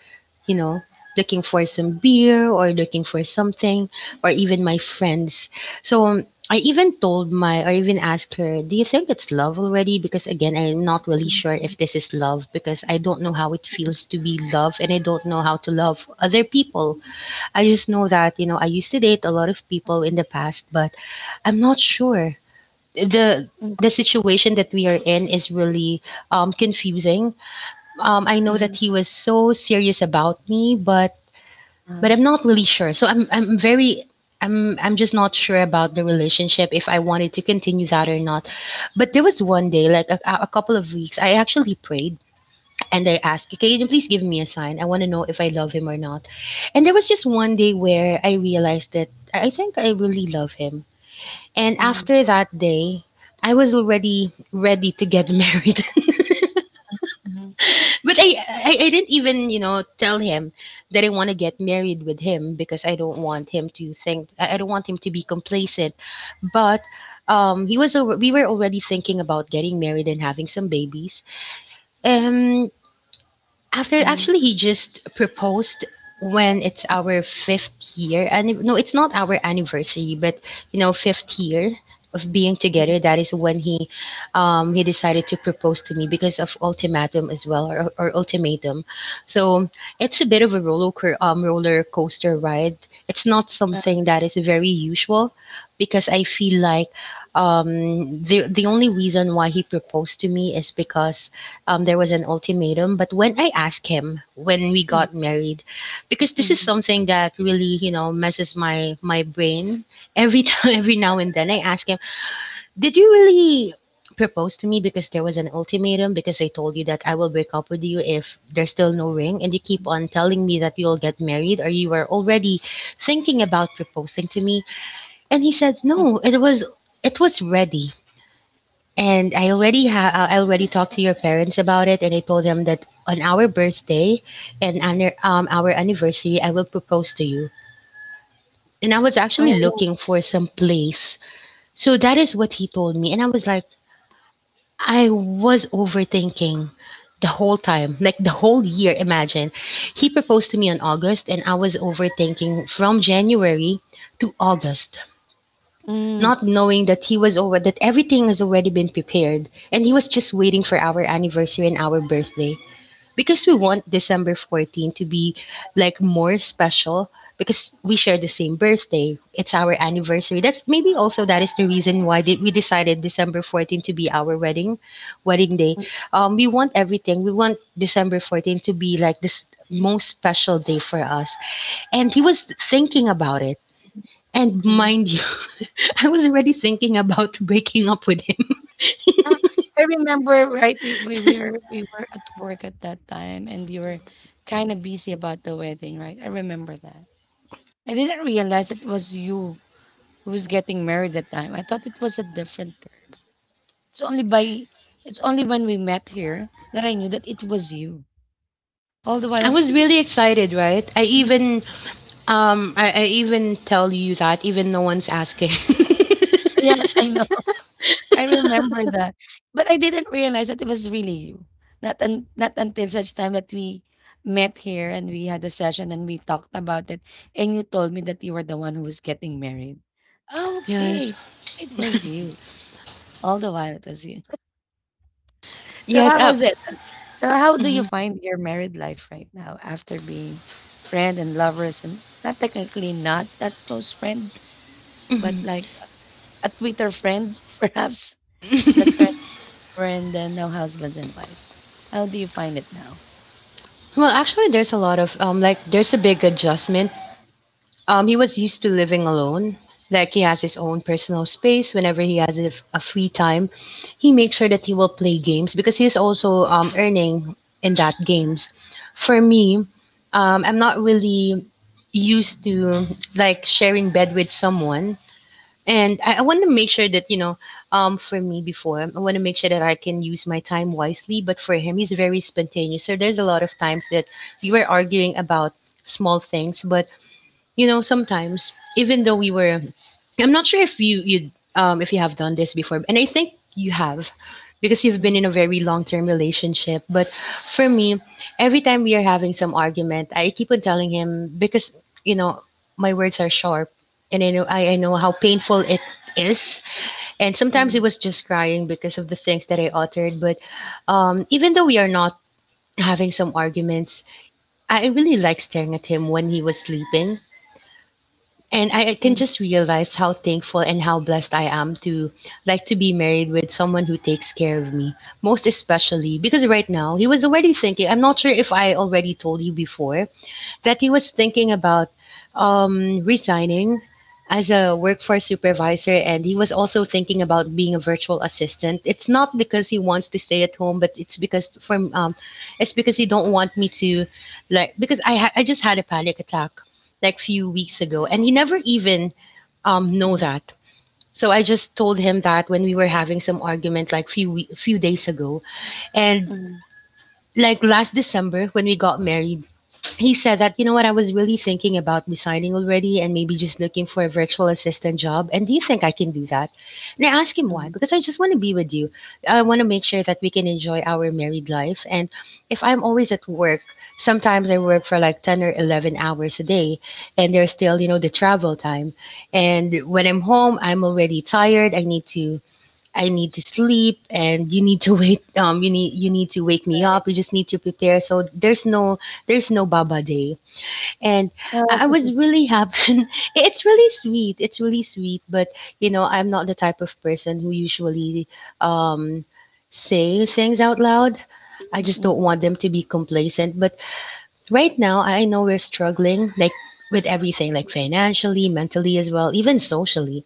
Speaker 2: you know looking for some beer, or looking for something, or even my friends. So I even I even asked her, "Do you think it's love already? Because again, I'm not really
Speaker 1: mhm,
Speaker 2: sure
Speaker 1: mhm,
Speaker 2: if this is love, because I don't know how it feels to be loved, and I don't know how to love other people." I just know that, I used to date a lot of people in the past, but I'm not sure. The,
Speaker 1: mhm,
Speaker 2: the situation that we are in is really confusing. I
Speaker 1: mhm,
Speaker 2: know
Speaker 1: mhm,
Speaker 2: that he was so serious about me, but
Speaker 1: uh-huh,
Speaker 2: I'm not really sure. So I'm very I'm just not sure about the relationship, if I wanted to continue that or not. But there was one day, like a couple of weeks, I actually prayed and I asked, "Okay, can you please give me a sign? I want to know if I love him or not." And there was just one day where I realized that I think I really love him. And
Speaker 1: mhm,
Speaker 2: after that day, I was already ready to get married.
Speaker 1: mhm,
Speaker 2: But I didn't even, tell him that I want to get married with him, because I don't want him to think— I don't want him to be complacent. But we were already thinking about getting married and having some babies. Um After,
Speaker 1: mhm,
Speaker 2: actually, he just proposed when it's our fifth year. And no, it's not our anniversary, but, fifth year of being
Speaker 1: mhm,
Speaker 2: together. That is when he decided to propose to me, because of ultimatum as well, or, ultimatum. So it's a bit of a roller coaster ride. It's not
Speaker 1: uh,
Speaker 2: something that is very usual, because I feel like the only reason why he proposed to me is because there was an ultimatum. But when I asked him, when we
Speaker 1: mhm,
Speaker 2: got married, because this is
Speaker 1: mhm,
Speaker 2: something that really, messes my brain every time, every now and then, I ask him, "Did you really propose to me because there was an ultimatum? Because I told you that I will break up with you if there's still no ring, and you keep on telling me that you'll get married, or you were already thinking about proposing to me." And he said,
Speaker 1: mhm.
Speaker 2: "No, it was ready, and I already talked to your parents about it, and I told them that on our birthday and on our anniversary, I will propose to you. And I was actually
Speaker 1: Oh,
Speaker 2: looking for some place." So that is what he told me. And I was like, I was overthinking the whole time, like the whole year. Imagine. He proposed to me on August, and I was overthinking from January to August,
Speaker 1: mm,
Speaker 2: not knowing that he was over that everything has already been prepared, and he was just waiting for our anniversary and our birthday, because we want December 14th to be like more special. Because we share the same birthday, it's our anniversary. That's maybe also— that is the reason why did we decided December 14th to be our wedding day. We want everything— we want December 14th to be like this most special day for us. And he was thinking about it, and,
Speaker 1: mhm.
Speaker 2: mind you, I was already thinking about breaking up with him.
Speaker 1: Ah, I remember, right, we were at work at that time, and you were kind of busy about the wedding, right? I remember that. I didn't realize it was you who was getting married that time. I thought it was a different girl. It's only by it's only when we met here that I knew that it was you. All the while I
Speaker 2: I
Speaker 1: was
Speaker 2: was
Speaker 1: thinking,
Speaker 2: really
Speaker 1: "Who's that
Speaker 2: excited, right? I
Speaker 1: m-"
Speaker 2: even um I, I even tell you that, even no one's asking.
Speaker 1: yes, I know. I remember that. But I didn't realize that it was really you. Not until such time that we met here and we had a session and we talked about it, and you told me that you were the one who was getting married. Oh,
Speaker 2: Yes.
Speaker 1: okay. It was you. All the while it was you. So
Speaker 2: Yes,
Speaker 1: how
Speaker 2: up.
Speaker 1: was it? So how do you find your married life right now after being friend and lovers and not technically not that close friend, but like a Twitter friend perhaps, that turns into a friend and now husbands and wives. How do you find it now?
Speaker 2: Well, actually, there's a lot of, like, there's a big adjustment. He was used to living alone. Like, he has his own personal space. Whenever he has a free time, he makes sure that he will play games, because he's also earning in that games. For me, I'm not really used to, like, sharing bed with someone, and I want to make sure that, you know. For me, before, I want to make sure that I can use my time wisely. But for him, he's very spontaneous. So there's a lot of times that we were arguing about small things, but, sometimes, even though we were I'm not sure if you if you have done this before, and I think you have, because you've been
Speaker 1: Mm,
Speaker 2: in a very long-term relationship. But for me, every time we are having some argument, I keep on telling him, because, you know my words are sharp. And I know how painful it is. And sometimes
Speaker 1: mm,
Speaker 2: it was just crying because of the things that I uttered. But even though we are not having some arguments, I really like staring at him when he was sleeping, and I can
Speaker 1: mm,
Speaker 2: just realize how thankful and how blessed I am to, like, to be married with someone who takes care of me, most especially because right now he was already thinking. I'm not sure if I already told you before, that he was thinking about resigning as a workforce supervisor. And he was also thinking about being a virtual assistant. It's not because he wants to stay at home, but it's because— for it's because he don't want me to, like— because I just had a panic attack like few weeks ago, and he never even
Speaker 1: mm,
Speaker 2: know
Speaker 1: mm,
Speaker 2: that. So I just told him that, when we were having some argument like few days ago, and
Speaker 1: mm,
Speaker 2: like last December when we got married, he said that, "You know what, I was really thinking about resigning already, and maybe just looking for a virtual assistant job. And do you think I can do that?" And I asked him
Speaker 1: mm.
Speaker 2: why. "Because I just want to be with you. I want to make sure that we can enjoy our married life, and if I'm always at work— sometimes I work for like 10 or 11 hours a day, and there's still, the travel time, and when I'm home I'm already tired. I need to sleep, and you need to wait. You need to wake me
Speaker 1: Right.
Speaker 2: up. You just need to prepare, so there's no— baba day." And I
Speaker 1: Uh,
Speaker 2: was really happy. It's really sweet, it's really sweet, but, I'm not the type of person who usually um say things out loud. I
Speaker 1: mm,
Speaker 2: just don't
Speaker 1: mm,
Speaker 2: want them to be complacent. But right now I know we're struggling, like with everything, like financially, mentally as well, even socially.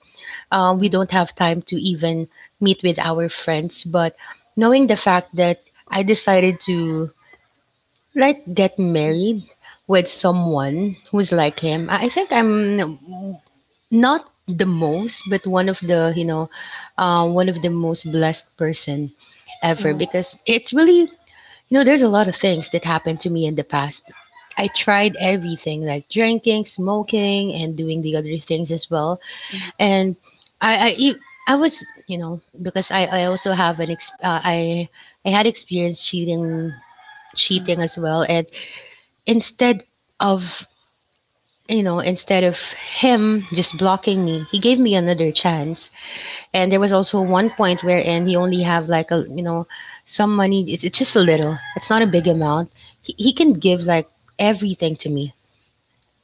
Speaker 1: mm,
Speaker 2: We don't have time to even meet with our friends. But knowing the fact that I decided to, like, get
Speaker 1: mm, mm,
Speaker 2: married with someone who's like him, I think I'm not the most, but one of the, one of the most blessed person ever,
Speaker 1: mm,
Speaker 2: because it's really, there's a lot of things that happened to me in the past. I tried everything, like drinking, smoking, and doing the other things as well. And I I e- I was, because I also have an I— I had experience cheating,
Speaker 1: mm,
Speaker 2: as well. And instead of, you know instead of him just blocking me, he gave me another chance. And there was also one point wherein he only have, like, a you know some money. It's just a little, it's not a big amount. He can give like everything to me,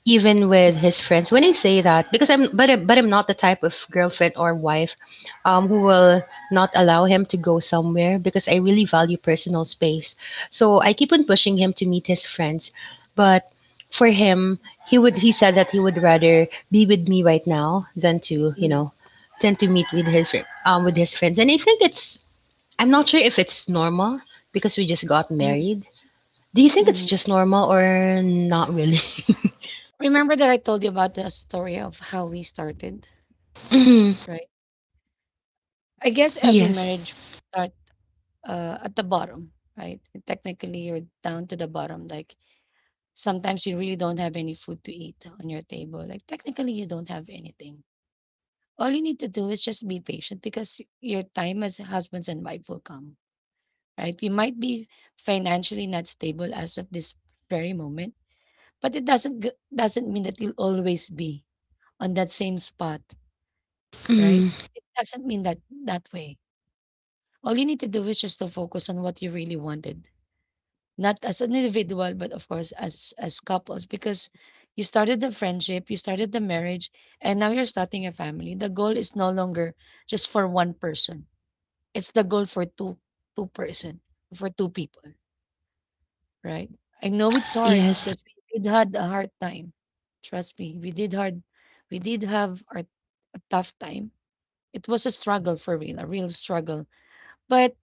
Speaker 2: even with his friends. When I say that, because I'm but I- but I'm not the type of girlfriend or wife, who will not allow him to go somewhere, because I really value personal space. So I keep on pushing him to meet his friends, but for him, he said that he would rather be with me right now than to,
Speaker 1: mm,
Speaker 2: meet with with his friends. And I think it's I'm not sure if it's normal, because we just got
Speaker 1: mm,
Speaker 2: married. Do you think it's
Speaker 1: mm.
Speaker 2: just normal, or not really?
Speaker 1: Remember that I told you about the story of how we started,
Speaker 2: Mhm.
Speaker 1: right? I guess every
Speaker 2: Yes.
Speaker 1: marriage start, at the bottom, right? Technically, you're down to the bottom. Like sometimes you really don't have any food to eat on your table. Like technically, you don't have anything. All you need to do is just be patient because your time as husbands and wife will come, right? You might be financially not stable as of this very moment, but it doesn't g- doesn't mean that you'll always be on that same spot, right?
Speaker 2: Mm,
Speaker 1: It doesn't mean that that way. All you need to do is just to focus on what you really wanted, not as an individual but of course as couples, because you started the friendship, you started the marriage, and now you're starting a family. The goal is no longer just for one person. It's the goal for two two person for two people, right? I know it's hard
Speaker 2: yes.
Speaker 1: because we did had a hard time. Trust me, we did hard, we did have a tough time. It was a struggle, for real, a real struggle. But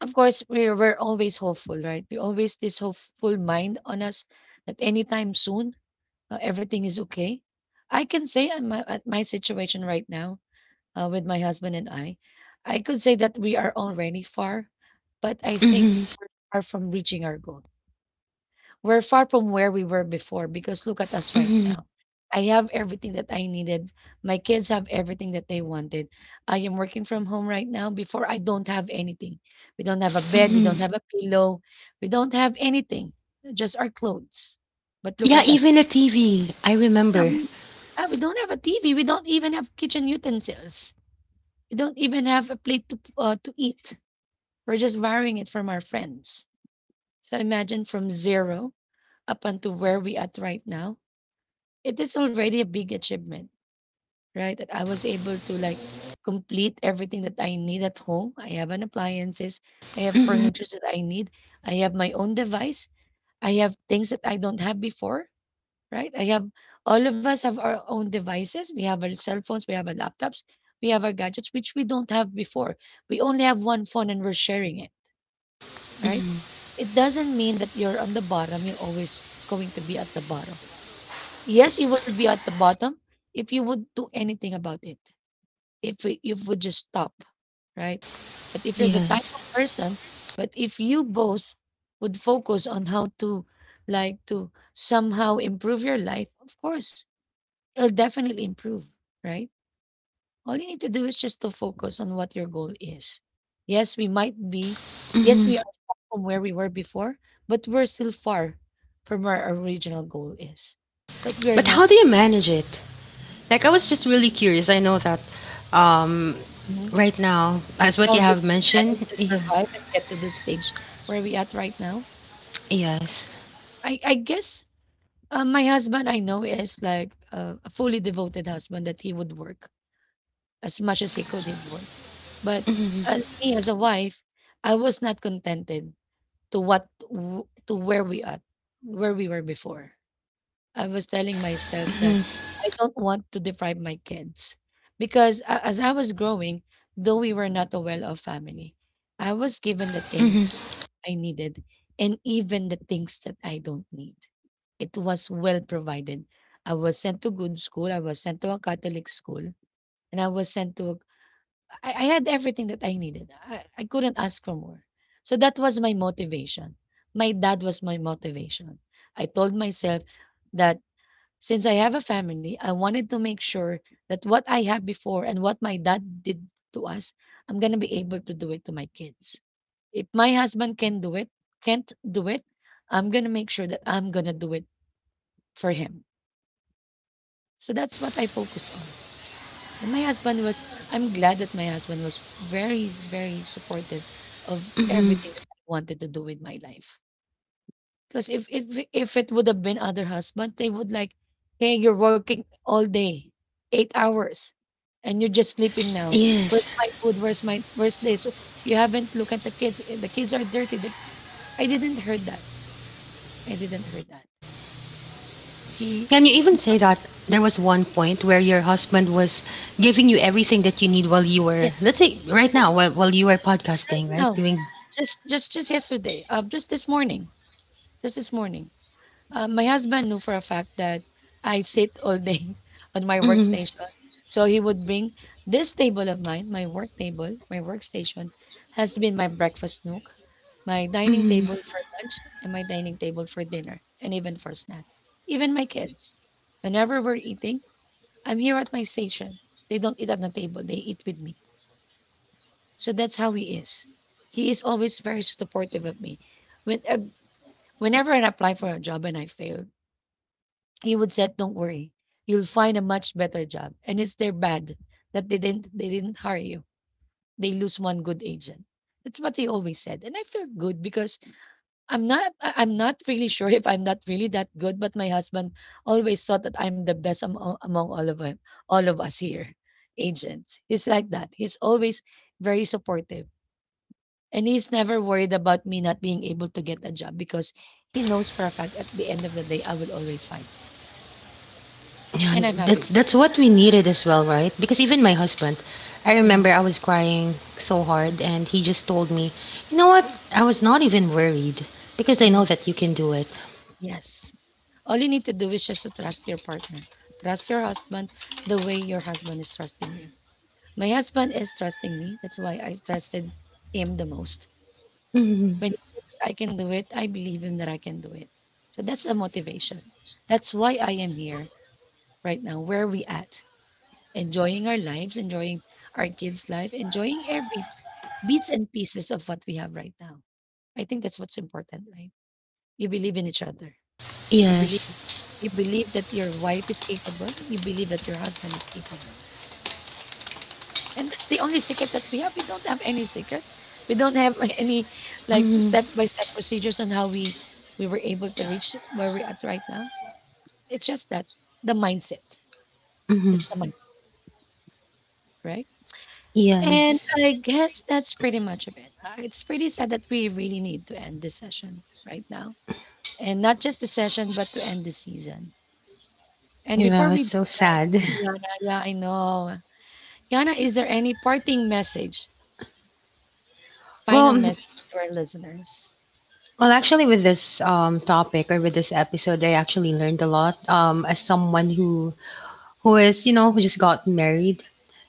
Speaker 1: of course, we're always hopeful, right? We always this hopeful mind on us that anytime soon, everything is okay. I can say at my situation right now, with my husband and I could say that we are already far, but I think
Speaker 2: Mm-hmm,
Speaker 1: we're far from reaching our goal. We're far from where we were before because look at us right
Speaker 2: mm-hmm,
Speaker 1: now. I have everything that I needed. My kids have everything that they wanted. I am working from home right now. Before, I don't have anything. We don't have a bed. We don't
Speaker 2: mm-hmm.
Speaker 1: have a pillow. We don't have anything, just our clothes. But look
Speaker 2: Yeah,
Speaker 1: at us.
Speaker 2: even a TV. I
Speaker 1: Yeah,
Speaker 2: remember.
Speaker 1: we don't have a TV. We don't even have kitchen utensils. We don't even have a plate to eat. We're just borrowing it from our friends. So imagine from zero up until where we at right now, it is already a big achievement, right? That I was able to like complete everything that I need at home. I have an appliances, I have
Speaker 2: Mm-hmm,
Speaker 1: furniture that I need, I have my own device, I have things that I don't have before, right? I have all of us have our own devices. We have our cell phones, we have our laptops, we have our gadgets, which we don't have before. We only have one phone and we're sharing it, right?
Speaker 2: mm-hmm.
Speaker 1: It doesn't mean that you're on the bottom, you're always going to be at the bottom. Yes, you will be at the bottom if you would do anything about it. If it- you would just stop, right? But if you're the type
Speaker 2: Yes.
Speaker 1: of person, But if you both would focus on how to like to somehow improve your life, of course, it'll definitely improve, right? All you need to do is just to focus on what your goal is. Yes, we might be, yes,
Speaker 2: Mm-hmm.
Speaker 1: we are far from where we were before, but we're still far from where our original goal is. But we're
Speaker 2: But how do
Speaker 1: not.
Speaker 2: you manage it? Like, I was just really curious. I know that um, right now, as what
Speaker 1: How
Speaker 2: you
Speaker 1: did
Speaker 2: have
Speaker 1: we manage
Speaker 2: mentioned,
Speaker 1: to
Speaker 2: yes,
Speaker 1: survive and get to the stage where we at right now?
Speaker 2: yes.
Speaker 1: I guess my husband I know is like a fully devoted husband that he would work as much as he could in work, but
Speaker 2: Mm-hmm,
Speaker 1: me as a wife, I was not contented to to where we at, where we were before. I was telling myself that
Speaker 2: mm-hmm,
Speaker 1: I don't want to deprive my kids because as I was growing, though we were not a well-off family, I was given the
Speaker 2: mm-hmm,
Speaker 1: things that I needed and even the things that I don't need. It was well provided. I was sent to good school. I was sent to a Catholic school, and I was sent to. A, I had everything that I needed. I couldn't ask for more. So that was my motivation. My dad was my motivation. I told myself that since I have a family, I wanted to make sure that what I have before and what my dad did to us, I'm gonna be able to do it to my kids. If my husband can do it, can't do it, I'm gonna make sure that I'm gonna do it for him. So that's what I focused on. And my husband was, I'm glad that my husband was very, very supportive of
Speaker 2: mm-hmm.
Speaker 1: everything that I wanted to do with my life. Because if if it would have been other husband, they would like, hey, you're working all day, 8 hours, and you're just sleeping now.
Speaker 2: Yes.
Speaker 1: Where's my food? Where's this? You haven't looked at the kids. The kids are dirty. The, I didn't heard that. I didn't heard that.
Speaker 2: Can you
Speaker 1: He
Speaker 2: even say
Speaker 1: he,
Speaker 2: that there was one point where your husband was giving you everything that you need while you were,
Speaker 1: yes,
Speaker 2: let's say, right now,
Speaker 1: yes,
Speaker 2: while, you were
Speaker 1: right
Speaker 2: podcasting, right?
Speaker 1: now,
Speaker 2: Doing—
Speaker 1: just yesterday. Just this morning. Just this morning. My husband knew for a fact that I sit all day on my
Speaker 2: Mhm,
Speaker 1: workstation. So he would bring this table of mine, my work table, my workstation, has been my breakfast nook, my dining
Speaker 2: mhm.
Speaker 1: table for lunch, and my dining table for dinner, and even for snack. Even my kids, whenever we're eating, I'm here at my station. They don't eat at the table, they eat with me. So that's how he is. He is always very supportive of me. When, whenever I apply for a job and I fail, he would said, don't worry, you'll find a much better job, and it's their bad that they didn't hire you. They lose one good agent. That's what he always said. And I felt good because I'm not really sure if I'm not really that good, but my husband always thought that I'm the best among all of him, all of us here agents. He's like that. He's always very supportive, and he's never worried about me not being able to get a job because he knows for a fact at the end of the day I will always find one. And
Speaker 2: Yeah,
Speaker 1: I'm happy with
Speaker 2: that's what we needed as well, right? Because even my husband— I remember
Speaker 1: that.
Speaker 2: I was crying so
Speaker 1: Mm,
Speaker 2: hard, and he just told me, "You know what? I was not even worried, because I know
Speaker 1: mm,
Speaker 2: that you can do it."
Speaker 1: yes. All you need to do is just to trust your partner. Trust your husband the way your husband is trusting you. My husband is trusting me. That's why I trusted him the most.
Speaker 2: Mhm.
Speaker 1: When he said that I can do it, I believe him that I can do it. So that's the motivation. That's why I am here right now. Where are we at? Enjoying our lives, enjoying our kids' life, enjoying every bits and pieces of what we have right now. I think that's what's important, right? You believe in each other. You believe
Speaker 2: Yes.
Speaker 1: You believe that your wife is capable, you believe that your husband is capable. And that's the only secret that we have. We don't have any secret. We don't have any like
Speaker 2: Mhm,
Speaker 1: step by step procedures on how we were able to reach where we're at right now. It's just that the mindset.
Speaker 2: mhm.
Speaker 1: Just the mindset, right? And
Speaker 2: Yes.
Speaker 1: I guess that's pretty much of it. It's pretty sad that we really need to end this session right now. And not just the session, but to end the season. And before
Speaker 2: Yeah, it's
Speaker 1: we do
Speaker 2: so
Speaker 1: that,
Speaker 2: sad.
Speaker 1: yeah, I know. Yana, is there any parting message,
Speaker 2: Well,
Speaker 1: final
Speaker 2: mm,
Speaker 1: message to our listeners?
Speaker 2: well, actually, with this topic, or with this episode, I actually learned a lot. As someone who— who is you know who just got married.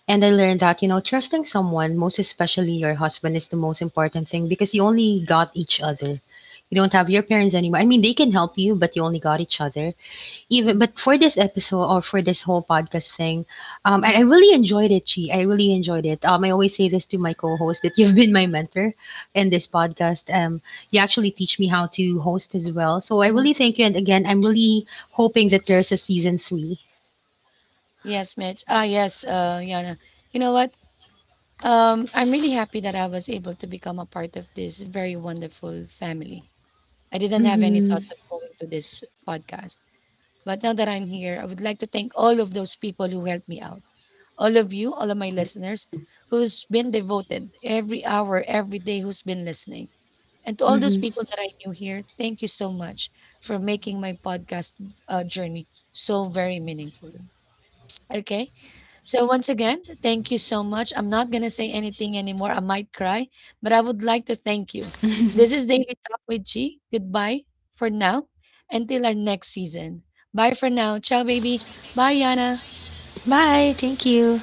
Speaker 2: And I learned that, trusting someone, most especially your husband, is the most important thing, because you only got each other. You don't have your parents anymore. I mean, they can help you, but you only got each other. Even,
Speaker 1: Mm,
Speaker 2: but for this episode, or for this whole podcast thing, I
Speaker 1: mm,
Speaker 2: really enjoyed it, Chi. I really enjoyed it. I always say this to my co-host that you've been my mentor in this podcast. You actually teach me how to host as well. So I
Speaker 1: mm.
Speaker 2: really thank you. And again, I'm really hoping that there's a season 3.
Speaker 1: Yes, Mitch. Ah, yes, Yana. You know what? I'm really happy that I was able to become a part of this very wonderful family. I didn't have any
Speaker 2: Mm-hmm.
Speaker 1: thoughts of going to this podcast, but now that I'm here, I would like to thank all of those people who helped me out. All of you, all of my listeners who's been devoted every hour, every day, who's been listening. And to all those
Speaker 2: Mm-hmm.
Speaker 1: people that I knew here, thank you so much for making my podcast, journey so very meaningful. Okay. So, once again, thank you so much. I'm not going to say anything anymore. I might cry, but I would like to thank you. This is Daily Talk with G. Goodbye for now until our next season. Bye for now. Ciao, baby. Bye, Yana.
Speaker 2: Bye. Thank you.